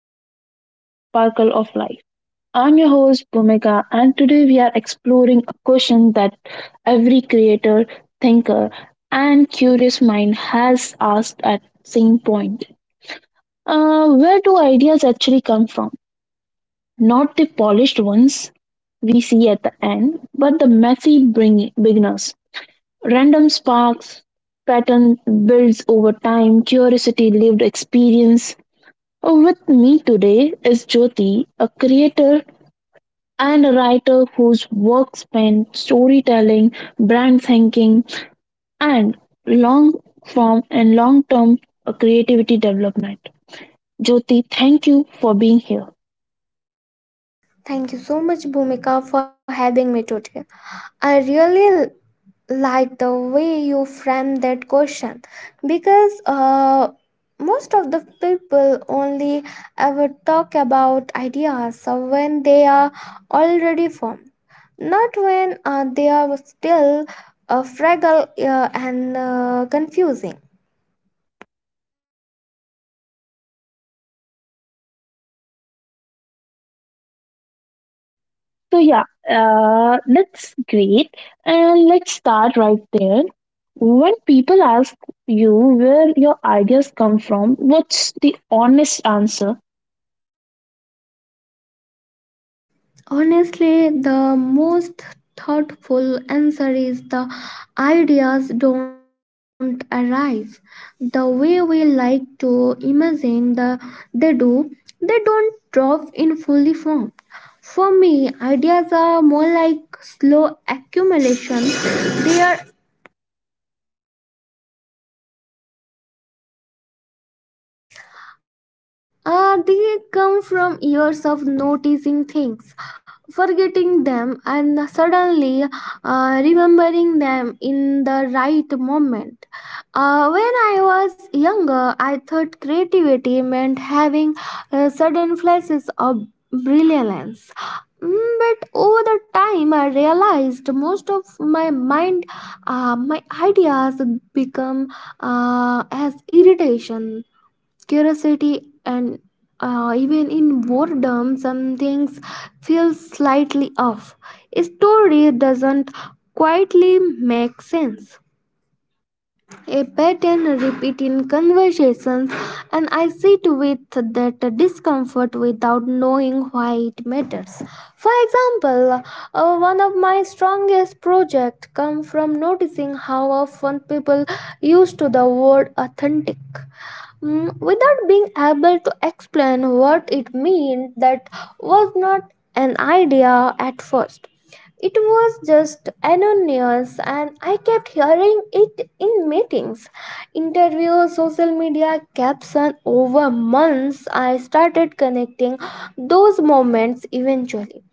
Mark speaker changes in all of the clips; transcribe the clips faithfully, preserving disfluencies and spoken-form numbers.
Speaker 1: back to our podcast Sparkle of Life. I'm your host Bhumika and today we are exploring a question that every creator, thinker and curious mind has asked at same point. Uh, where do ideas actually come from? Not the polished ones we see at the end, but the messy bring- beginners. Random sparks, pattern builds over time, curiosity, lived experience, Oh, With me today is Jyoti, a creator and a writer whose work span storytelling, brand thinking, and long form and long term creativity development. Jyoti, thank you for being here.
Speaker 2: Thank you so much, Bhumika, for having me today. I really like the way you framed that question because uh, most of the people only ever talk about ideas uh, when they are already formed, not when uh, they are still uh, fragile uh, and uh, confusing.
Speaker 1: So, yeah, uh, that's great. And let's start right there. When people ask you where your ideas come from, what's the honest answer?
Speaker 2: Honestly, the most thoughtful answer is the ideas don't arise the way we like to imagine the they do. They don't drop in fully formed. For me, ideas are more like slow accumulation. They are Uh, they come from years of noticing things, forgetting them, and suddenly uh, remembering them in the right moment. Uh, when I was younger, I thought creativity meant having uh, sudden flashes of brilliance. Mm, But over the time, I realized most of my mind, uh, my ideas become uh, as irritation, curiosity, and uh, even in boredom. Some things feel slightly off, a story doesn't quietly make sense, a pattern repeat in conversations, and I sit with that discomfort without knowing why it matters. For example, uh, one of my strongest projects come from noticing how often people used to the word authentic Mm, without being able to explain what it meant. That was not an idea at first. It was just anonymous, and I kept hearing it in meetings, interviews, social media caption. Over months, I started connecting those moments eventually.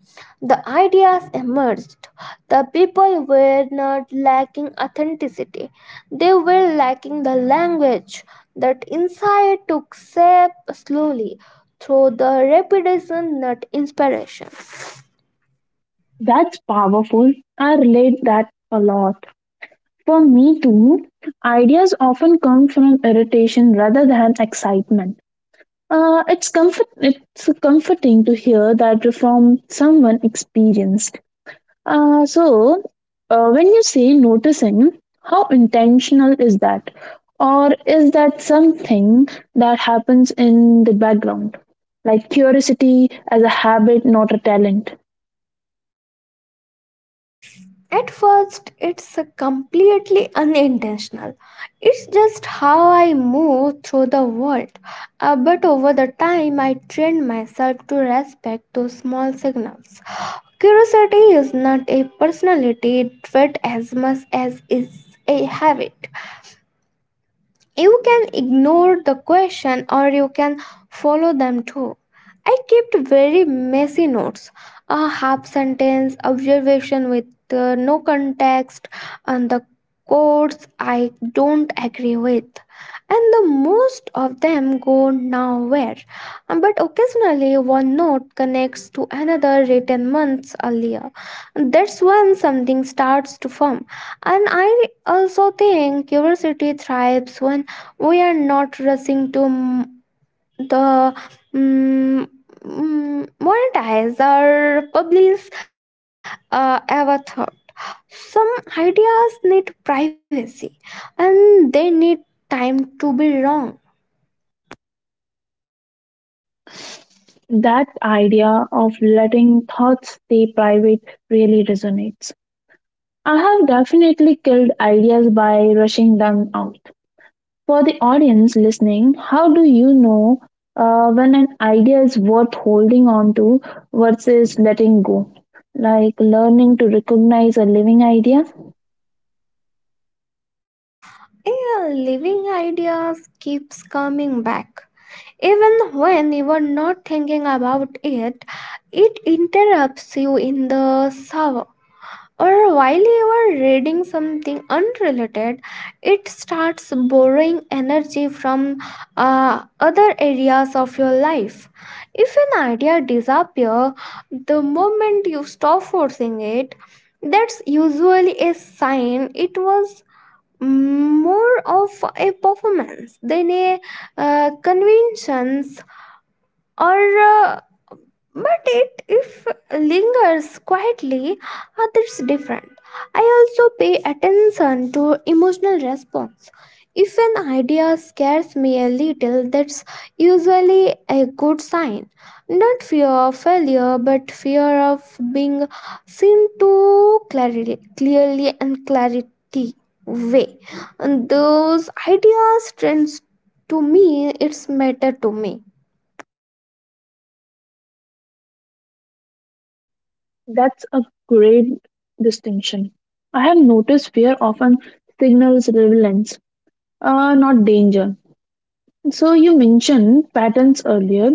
Speaker 2: The ideas emerged. The people were not lacking authenticity, they were lacking the language. That insight took shape slowly through the repetition, not inspiration.
Speaker 1: That's powerful. I relate that a lot. For me too, ideas often come from irritation rather than excitement. Uh, it's comfort. It's comforting to hear that from someone experienced. Uh, so, uh, when you say noticing, how intentional is that, or is that something that happens in the background, like curiosity as a habit, not a talent?
Speaker 2: At first, it's completely unintentional. It's just how I move through the world. Uh, but over the time, I trained myself to respect those small signals. Curiosity is not a personality trait as much as it's a habit. You can ignore the question or you can follow them too. I kept very messy notes, a half sentence, observation with uh, no context, and the quotes I don't agree with. And the most of them go nowhere. Um, But occasionally, one note another written months earlier. That's when something starts to form. And I also think curiosity thrives when we are not rushing to m- the mm, mm, monetize or publish uh, our thought. Some ideas need privacy and they need time to be wrong.
Speaker 1: That idea of letting thoughts stay private really resonates. I have definitely killed ideas by rushing them out. For the audience listening, how do you know uh, when an idea is worth holding on to versus letting go? Like learning to recognize a living idea?
Speaker 2: Yeah, living ideas keeps coming back. Even when you are not thinking about it, it interrupts you in shower or while you are reading something unrelated. It starts borrowing energy from uh, other areas of your life. If an idea disappears the moment you stop forcing it, that's usually a sign it was more of a performance than a uh, conventions or uh, but it if lingers quietly, uh, that's different. I also pay attention to emotional response. If an idea scares me a little, that's usually a good sign, not fear of failure but fear of being seen too clearly, clearly and clarity way, and those ideas trends to me, it's matter to me.
Speaker 1: That's a great distinction. I have noticed fear often signals relevance, uh, not danger. So, you mentioned patterns earlier.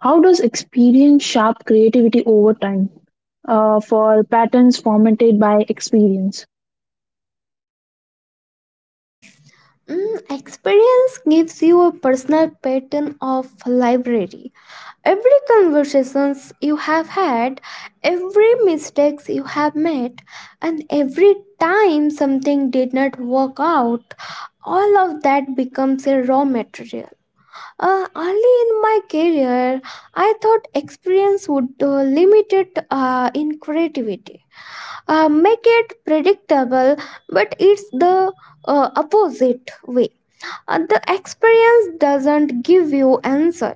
Speaker 1: How does experience sharp creativity over time uh, for patterns formatted by experience?
Speaker 2: Mm, experience gives you a personal pattern of library. Every conversations you have had, every mistakes you have made, and every time something did not work out, all of that becomes a raw material. Uh, early in my career, I thought experience would uh, limit it uh, in creativity, uh, make it predictable, but it's the uh, opposite way. Uh, the experience doesn't give you answer,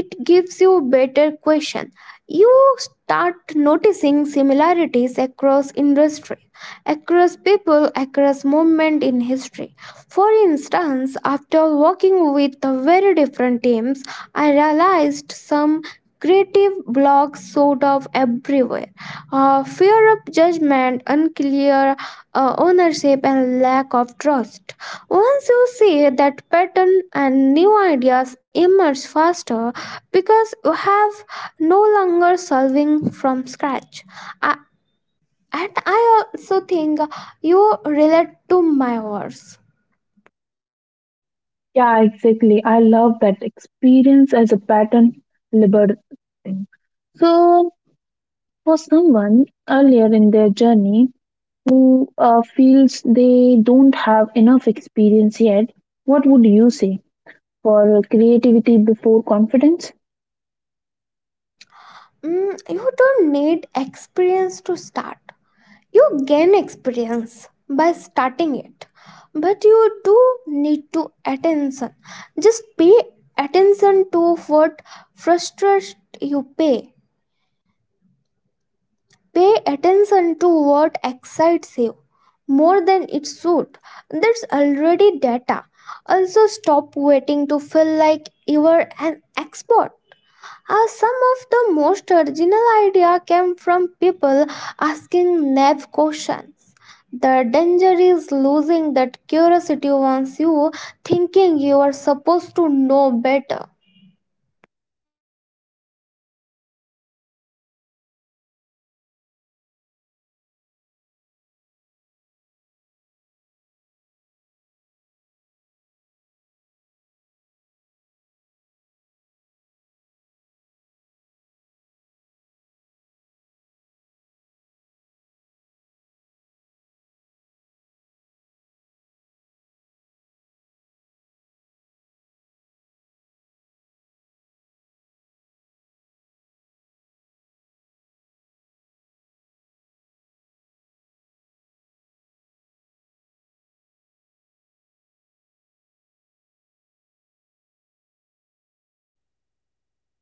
Speaker 2: it gives you better question. You start noticing similarities across industry, across people, across moment in history. For instance, after working with very different teams, I realized some creative blocks sort of everywhere, uh, fear of judgment, unclear uh, ownership, and lack of trust. Once you see that pattern, and new ideas emerge faster because you have no longer solving from scratch. I, and i also think you relate to my words.
Speaker 1: Yeah, exactly. I love that experience as a pattern liberating. So, for someone earlier in their journey who uh, feels they don't have enough experience yet, what would you say for creativity before confidence?
Speaker 2: Mm, you don't need experience to start. You gain experience by starting it, but you do need to attention. Just pay attention to what frustrates you. Pay pay attention to what excites you more than it should. That's already data. Also, stop waiting to feel like you are an expert. Uh, some of the most original idea came from people asking naive questions. The danger is losing that curiosity once you thinking you are supposed to know better.
Speaker 1: That's such an important reminder. Let's talk about this. Like people romanticize the random spark. How much uh, like do you believe in that? Like the myth of uh, random spark.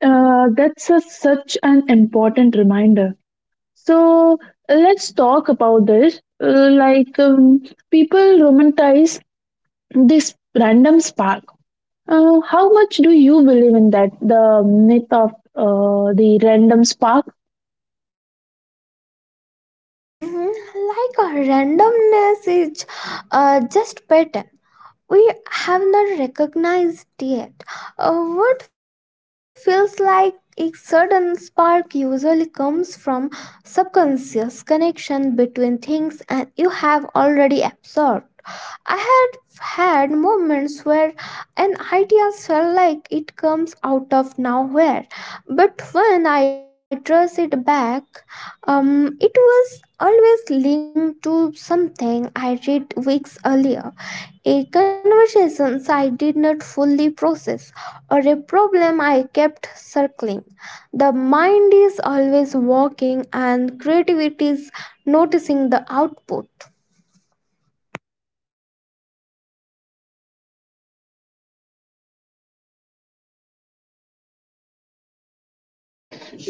Speaker 1: Uh, that's a, such an important reminder. So let's talk about this. Uh, like um, people romanticize this random spark. Uh, how much do you believe in that the myth of uh, the random spark?
Speaker 2: Mhm. Like a randomness is uh, just pattern we have not recognized yet. Uh, what feels like a sudden spark usually comes from subconscious connection between things and you have already absorbed. I had had moments where an idea felt like it comes out of nowhere, but when I trace it back, um, it was always linked to something I read weeks earlier, a conversation I did not fully process, or a problem I kept circling. The mind is always working, and creativity is noticing the output.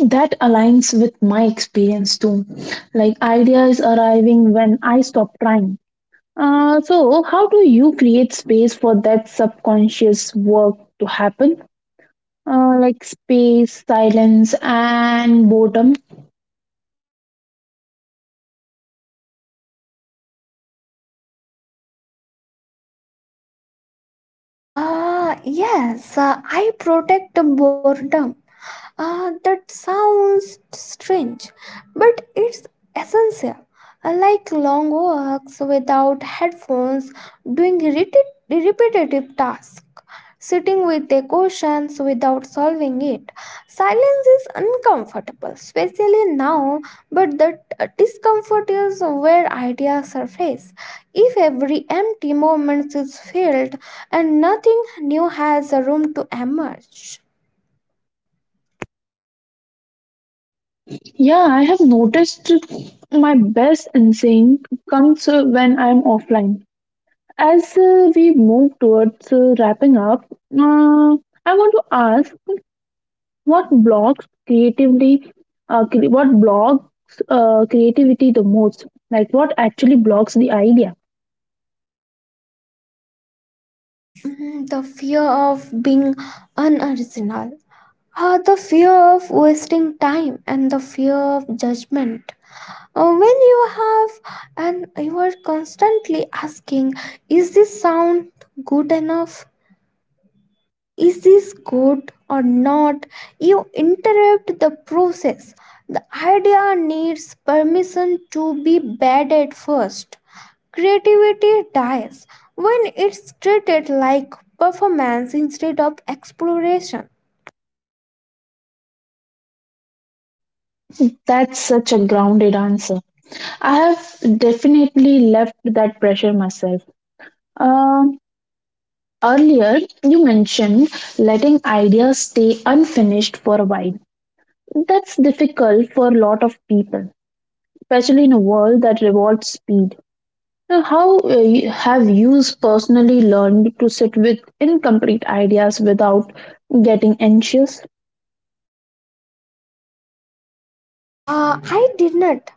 Speaker 1: That aligns with my experience too, like idea is arriving when I stop trying. Uh, so, how do you create space for that subconscious work to happen, uh, like space, silence and boredom?
Speaker 2: Ah, yes, uh, I protect the boredom. Ah, that sounds strange, but it's essential. Uh, Like long walks without headphones, doing reti- repetitive tasks, sitting with their questions without solving it. Silence is uncomfortable, especially now, but that uh, discomfort is where ideas surface. If every empty moment is filled and nothing new has a room to emerge,
Speaker 1: Yeah, I have noticed my best insane comes uh, when I'm offline. As uh, we move towards uh, wrapping up, uh, I want to ask what blocks creatively, uh, cre- what blocks uh, creativity the most? Like what actually blocks the idea?
Speaker 2: Mm, the fear of being unoriginal, Uh, the fear of wasting time, and the fear of judgment. Uh, when you have and you are constantly asking, is this sound good enough? Is this good or not? You interrupt the process. The idea needs permission to be bad at first. Creativity dies when it's treated like performance instead of exploration.
Speaker 1: That's such a grounded answer. I have definitely left that pressure myself. Um Earlier, you mentioned letting ideas stay unfinished for a while. That's difficult for a lot of people, especially in a world that rewards speed. Now, how uh, y- have you personally learned to sit with incomplete ideas without getting anxious?
Speaker 2: Uh, I did not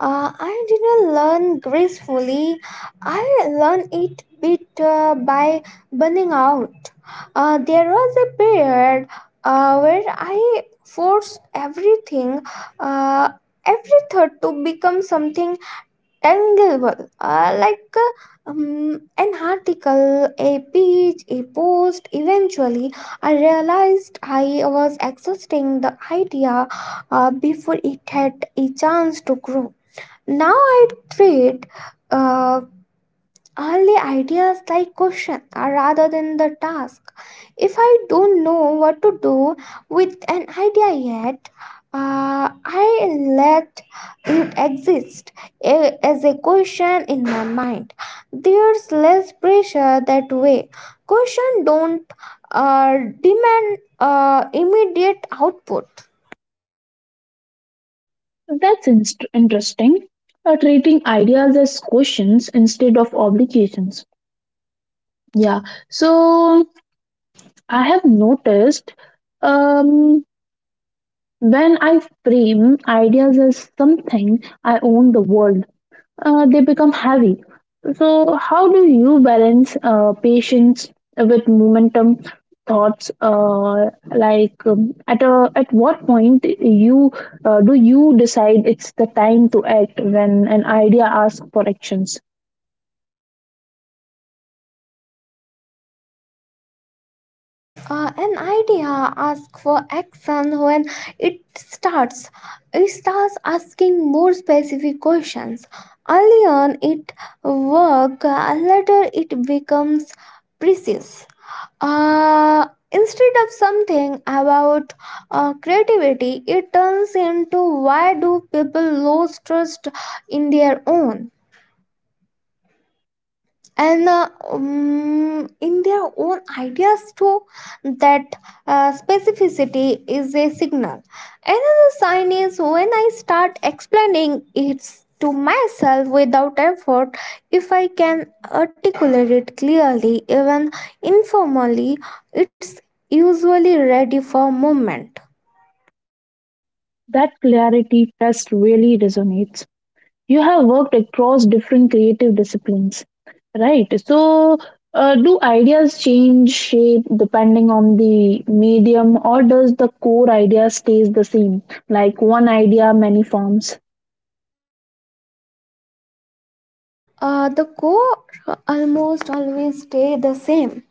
Speaker 2: Uh, I didn't learn gracefully. I learned it bit uh, by burning out. Uh, there was a period uh, where I forced everything, uh, every thought to become something tangible, uh, like uh, um, an article, a page, a post. Eventually, I realized I was exhausting the idea uh, before it had a chance to grow. Now I treat uh, early ideas like questions rather than the task. If I don't know what to do with an idea yet, uh, I let it exist a- as a question in my mind. There's less pressure that way. Question don't uh, demand uh, immediate output.
Speaker 1: That's inst- interesting. Uh, treating ideas as questions instead of obligations. Yeah. So I have noticed um, when I frame ideas as something I own the world, uh, they become heavy. So, how do you balance uh, patience with momentum thoughts? Uh, like, um, at a, at what point you uh, do you decide it's the time to act when an idea asks for actions?
Speaker 2: Uh, an idea asks for action when it starts. It starts asking more specific questions. Early on, it works, later, it becomes precise. Uh, instead of something about uh, creativity, it turns into why do people lose trust in their own? And uh, um, in their own ideas too. That uh, specificity is a signal. Another sign is when I start explaining it to myself without effort. If I can articulate it clearly, even informally, it's usually ready for movement.
Speaker 1: That clarity test really resonates. You have worked across different creative disciplines, right? So uh, do ideas change shape depending on the medium, or does the core idea stays the same, like one idea many forms?
Speaker 2: Uh, the core almost always stay the same.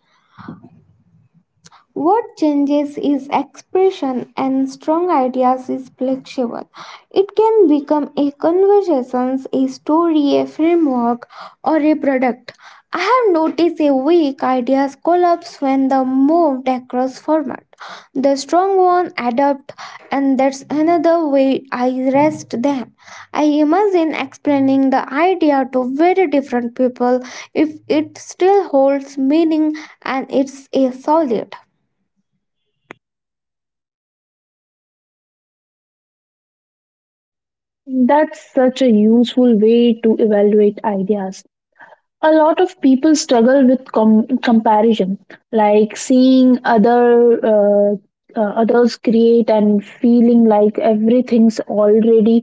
Speaker 2: What changes is expression, and strong ideas is flexible. It can become a conversation, a story, a framework, or a product. I have noticed a weak ideas collapse when the moved across format. The strong one adapt, and that's another way I rest them. I imagine explaining the idea to very different people. If it still holds meaning, and it's a solid.
Speaker 1: That's such a useful way to evaluate ideas. A lot of people struggle with com- comparison, like seeing other uh, uh, others create and feeling like everything's already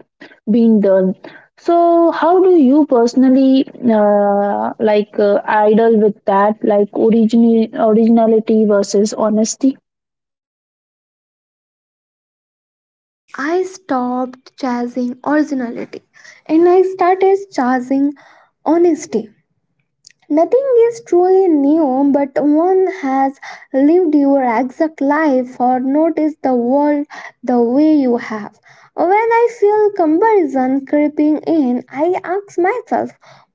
Speaker 1: been done. So how do you personally uh, like uh, idle with that, like origin- originality versus honesty?
Speaker 2: I stopped chasing originality and I started chasing honesty. Nothing is truly new, but one has lived your exact life or noticed the world the way you have. When I feel comparison creeping in, I ask myself,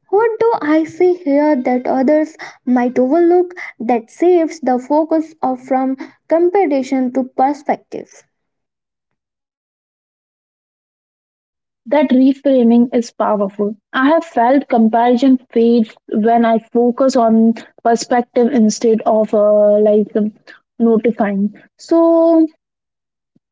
Speaker 2: what do I see here that others might overlook? That shifts the focus of from competition to perspective.
Speaker 1: That reframing is powerful. I have felt comparison fades when I focus on perspective instead of uh, like um, notifying. So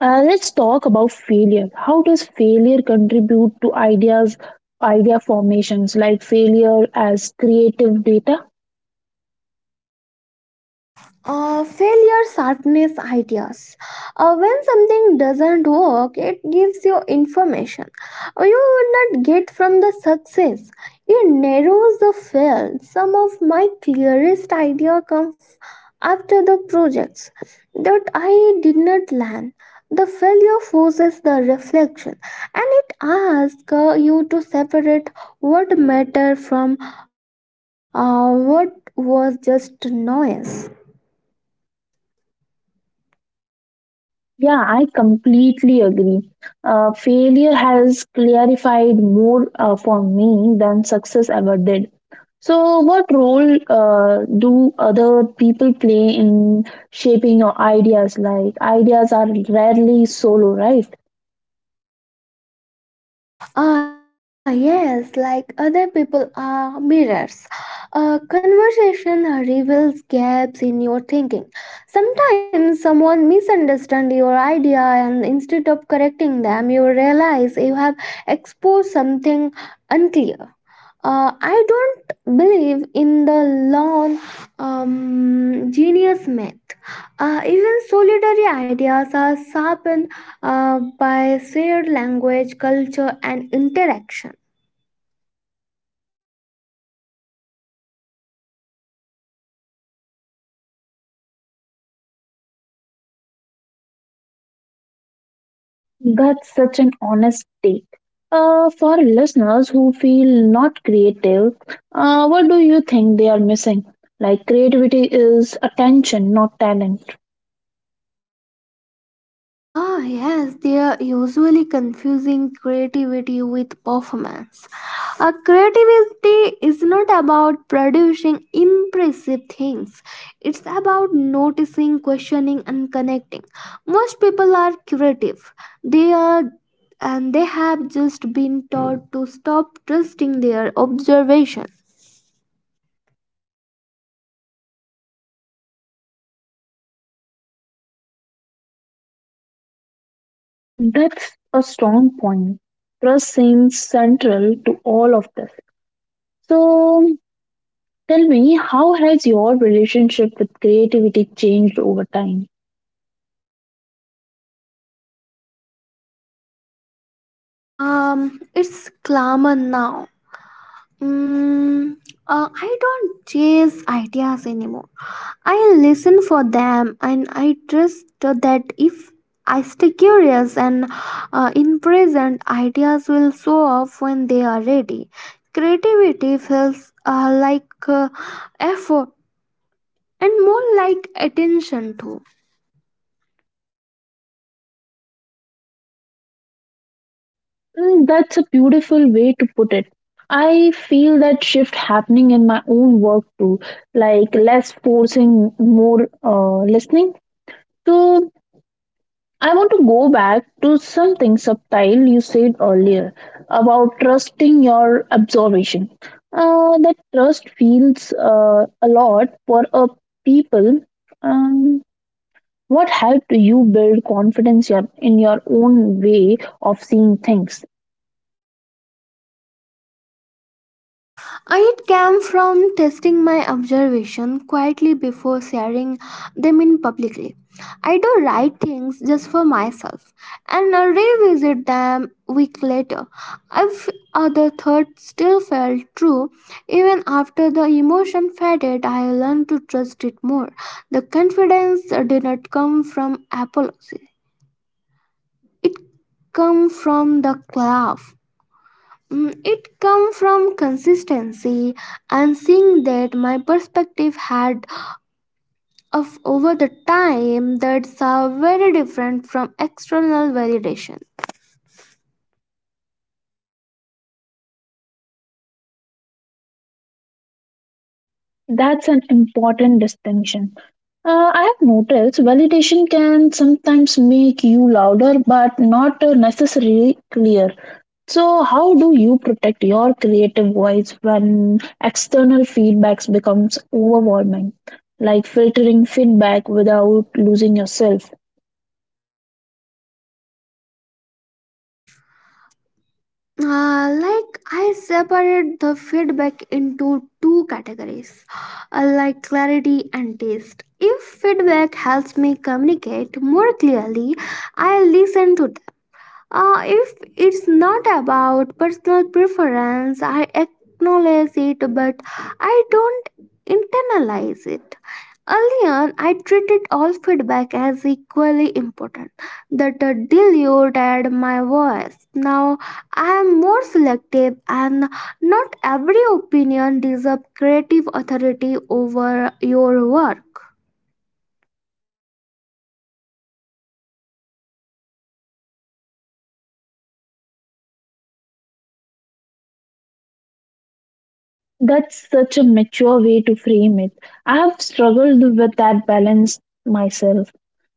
Speaker 1: uh, let's talk about failure. How does failure contribute to ideas, idea formations, like failure as creative data?
Speaker 2: Uh, failure sharpens ideas. Uh, when something doesn't work, it gives you information Uh, you would not get from the success. It narrows the field. Some of my clearest ideas come f- after the projects that I did not land. The failure forces the reflection, and it asks uh, you to separate what matter from uh, what was just noise.
Speaker 1: Yeah, I completely agree. Uh, failure has clarified more uh, for me than success ever did. So, what role uh, do other people play in shaping your ideas? Like, ideas are rarely solo, right?
Speaker 2: Ah, yes, like other people are mirrors. A conversation reveals gaps in your thinking. Sometimes someone misunderstands your idea, and instead of correcting them, you realize you have exposed something unclear. Uh, I don't believe in the lone um, genius myth. Uh, even solitary ideas are sharpened uh, by shared language, culture, and interaction.
Speaker 1: That's such an honest take. Uh, for listeners who feel not creative, uh, what do you think they are missing? Like, creativity is attention, not talent.
Speaker 2: Ah, yes, they are usually confusing creativity with performance. A creativity is not about producing impressive things, it's about noticing, questioning, and connecting. Most people are creative. They are, and they have just been taught to stop trusting their observation.
Speaker 1: That's a strong point. Trust seems central to all of this. So, tell me, how has your relationship with creativity changed over time?
Speaker 2: Um, it's common now. Mm, uh, I don't chase ideas anymore. I listen for them and I trust that if I stay curious and uh, in present, ideas will show up when they are ready. Creativity feels uh, like uh, effort and more like attention too.
Speaker 1: Mm, that's a beautiful way to put it. I feel that shift happening in my own work too, like less forcing, more uh, listening. So, I want to go back to something subtle you said earlier about trusting your observation. Uh, that trust feels uh, a lot for a people. Um, What helped you build confidence your- in your own way of seeing things?
Speaker 2: It came from testing my observation quietly before sharing them in publicly. I do write things just for myself and revisit them week later. If other thoughts still felt true, even after the emotion faded, I learned to trust it more. The confidence did not come from apology; it came from the love. Mm, It come from consistency and seeing that my perspective had of over the time, that's uh, very different from external validation.
Speaker 1: That's an important distinction. Uh, I have noticed validation can sometimes make you louder, but not uh, necessarily clear. So, how do you protect your creative voice when external feedbacks becomes overwhelming, like filtering feedback without losing yourself?
Speaker 2: Uh, like I separate the feedback into two categories, uh, like clarity and taste. If feedback helps me communicate more clearly, I listen to. Uh, if it's not about personal preference, I acknowledge it, but I don't internalize it. Earlier, I treated all feedback as equally important, that uh, diluted my voice. Now, I am more selective, and not every opinion deserves creative authority over your work.
Speaker 1: That's such a mature way to frame it. I have struggled with that balance myself.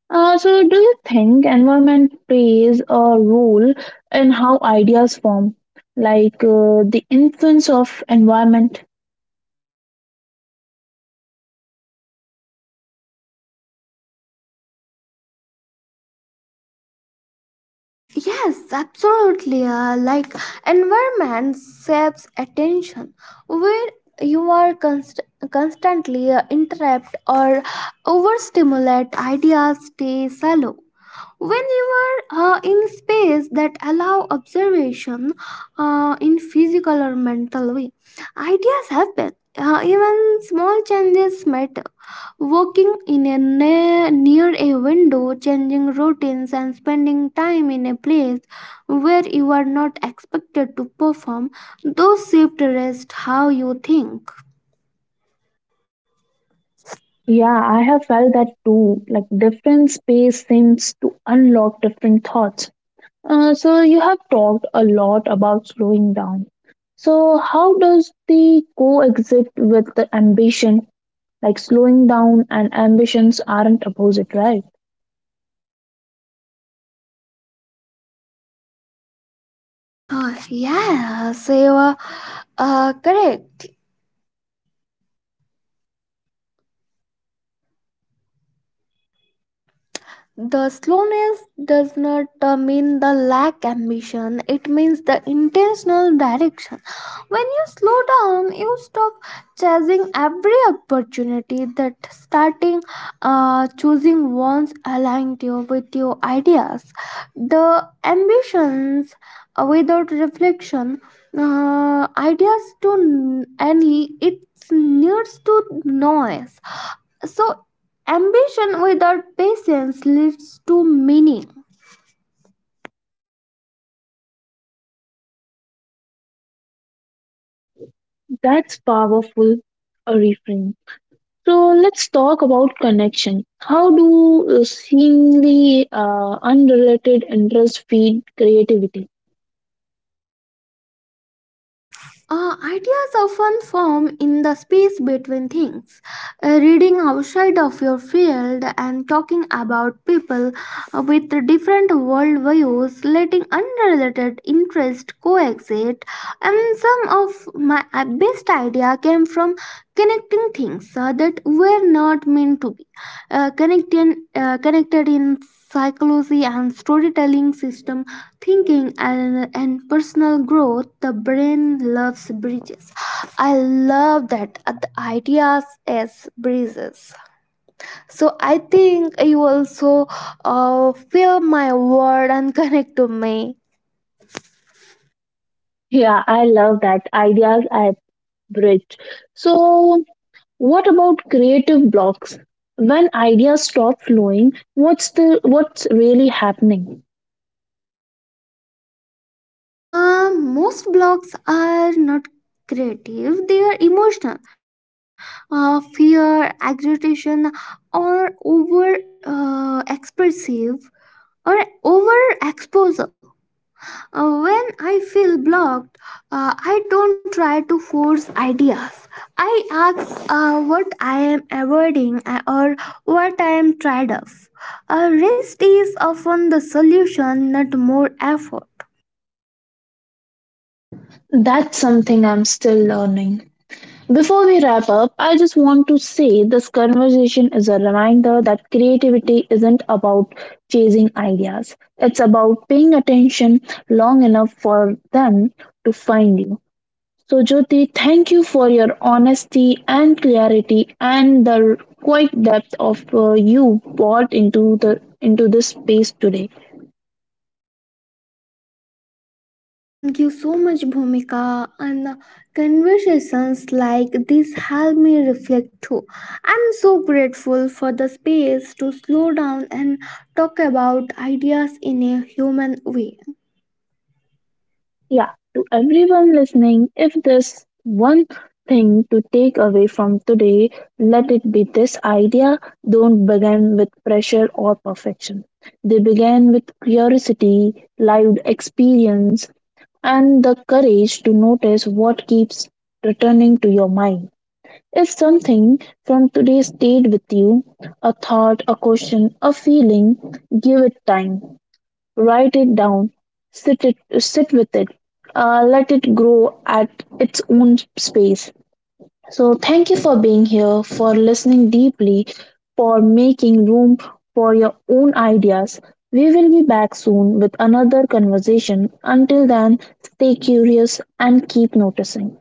Speaker 1: Uh, so, do you think environment plays a role in how ideas form, like uh, the influence of environment?
Speaker 2: Yes, absolutely. Uh, like environment saves attention. Where you are const- constantly uh, interrupt or overstimulate, ideas stay shallow. When you are uh, in space that allow observation uh, in physical or mental way, ideas happen. Uh, even small changes matter, working in a ne- near a window, changing routines, and spending time in a place where you are not expected to perform, those shift rest how you think.
Speaker 1: Yeah, I have felt that too. Like, different space seems to unlock different thoughts. Uh, so, you have talked a lot about slowing down. So, how does the coexist with the ambition? Like slowing down and ambitions aren't opposite, right?
Speaker 2: Ah, yes, you are uh, correct. The slowness does not uh, mean the lack ambition, it means the intentional direction. When you slow down you stop chasing every opportunity, that starting uh, choosing ones aligned you with your ideas. The ambitions uh, without reflection, uh, ideas to, and it needs to noise, so ambition without patience leads to meaning.
Speaker 1: That's powerful, a refrain. So let's talk about connection. How do uh, seemingly uh, unrelated interests feed creativity?
Speaker 2: Uh, ideas often form in the space between things. Uh, reading outside of your field and talking about people uh, with different worldviews, letting unrelated interests coexist. And some of my uh, best idea came from connecting things uh, that were not meant to be uh, connected, uh, connected in psychology and storytelling, system thinking, and, and personal growth. The brain loves bridges. I love that, uh, the ideas as bridges. So I think you also uh, feel my word and connect to me.
Speaker 1: Yeah, I love that. Ideas are bridge. So, what about creative blocks? When ideas stop flowing, what's the what's really happening?
Speaker 2: Uh, most blocks are not creative, they are emotional. Uh, fear, agitation, or over uh, expressive or over exposure. Uh, when I feel blocked, uh, I don't try to force ideas. I ask uh, what I am avoiding uh, or what I am tired of. Uh, rest is often the solution, not more effort.
Speaker 1: That's something I'm still learning. Before we wrap up, I just want to say this conversation is a reminder that creativity isn't about chasing ideas. It's about paying attention long enough for them to find you. So, Jyoti, thank you for your honesty and clarity and the quite depth of uh, you brought into the into this space today.
Speaker 2: Thank you so much, Bhumika. And uh, conversations like this help me reflect too. I'm so grateful for the space to slow down and talk about ideas in a human way.
Speaker 1: Yeah, to everyone listening, if there's one thing to take away from today, let it be this idea: don't begin with pressure or perfection. They begin with curiosity, lived experience, and the courage to notice what keeps returning to your mind. If something from today stayed with you, a thought, a question, a feeling, give it time. Write it down. Sit it sit with it. Uh, let it grow at its own space. So thank you for being here, for listening deeply, for making room for your own ideas. We will be back soon with another conversation. Until then, stay curious and keep noticing.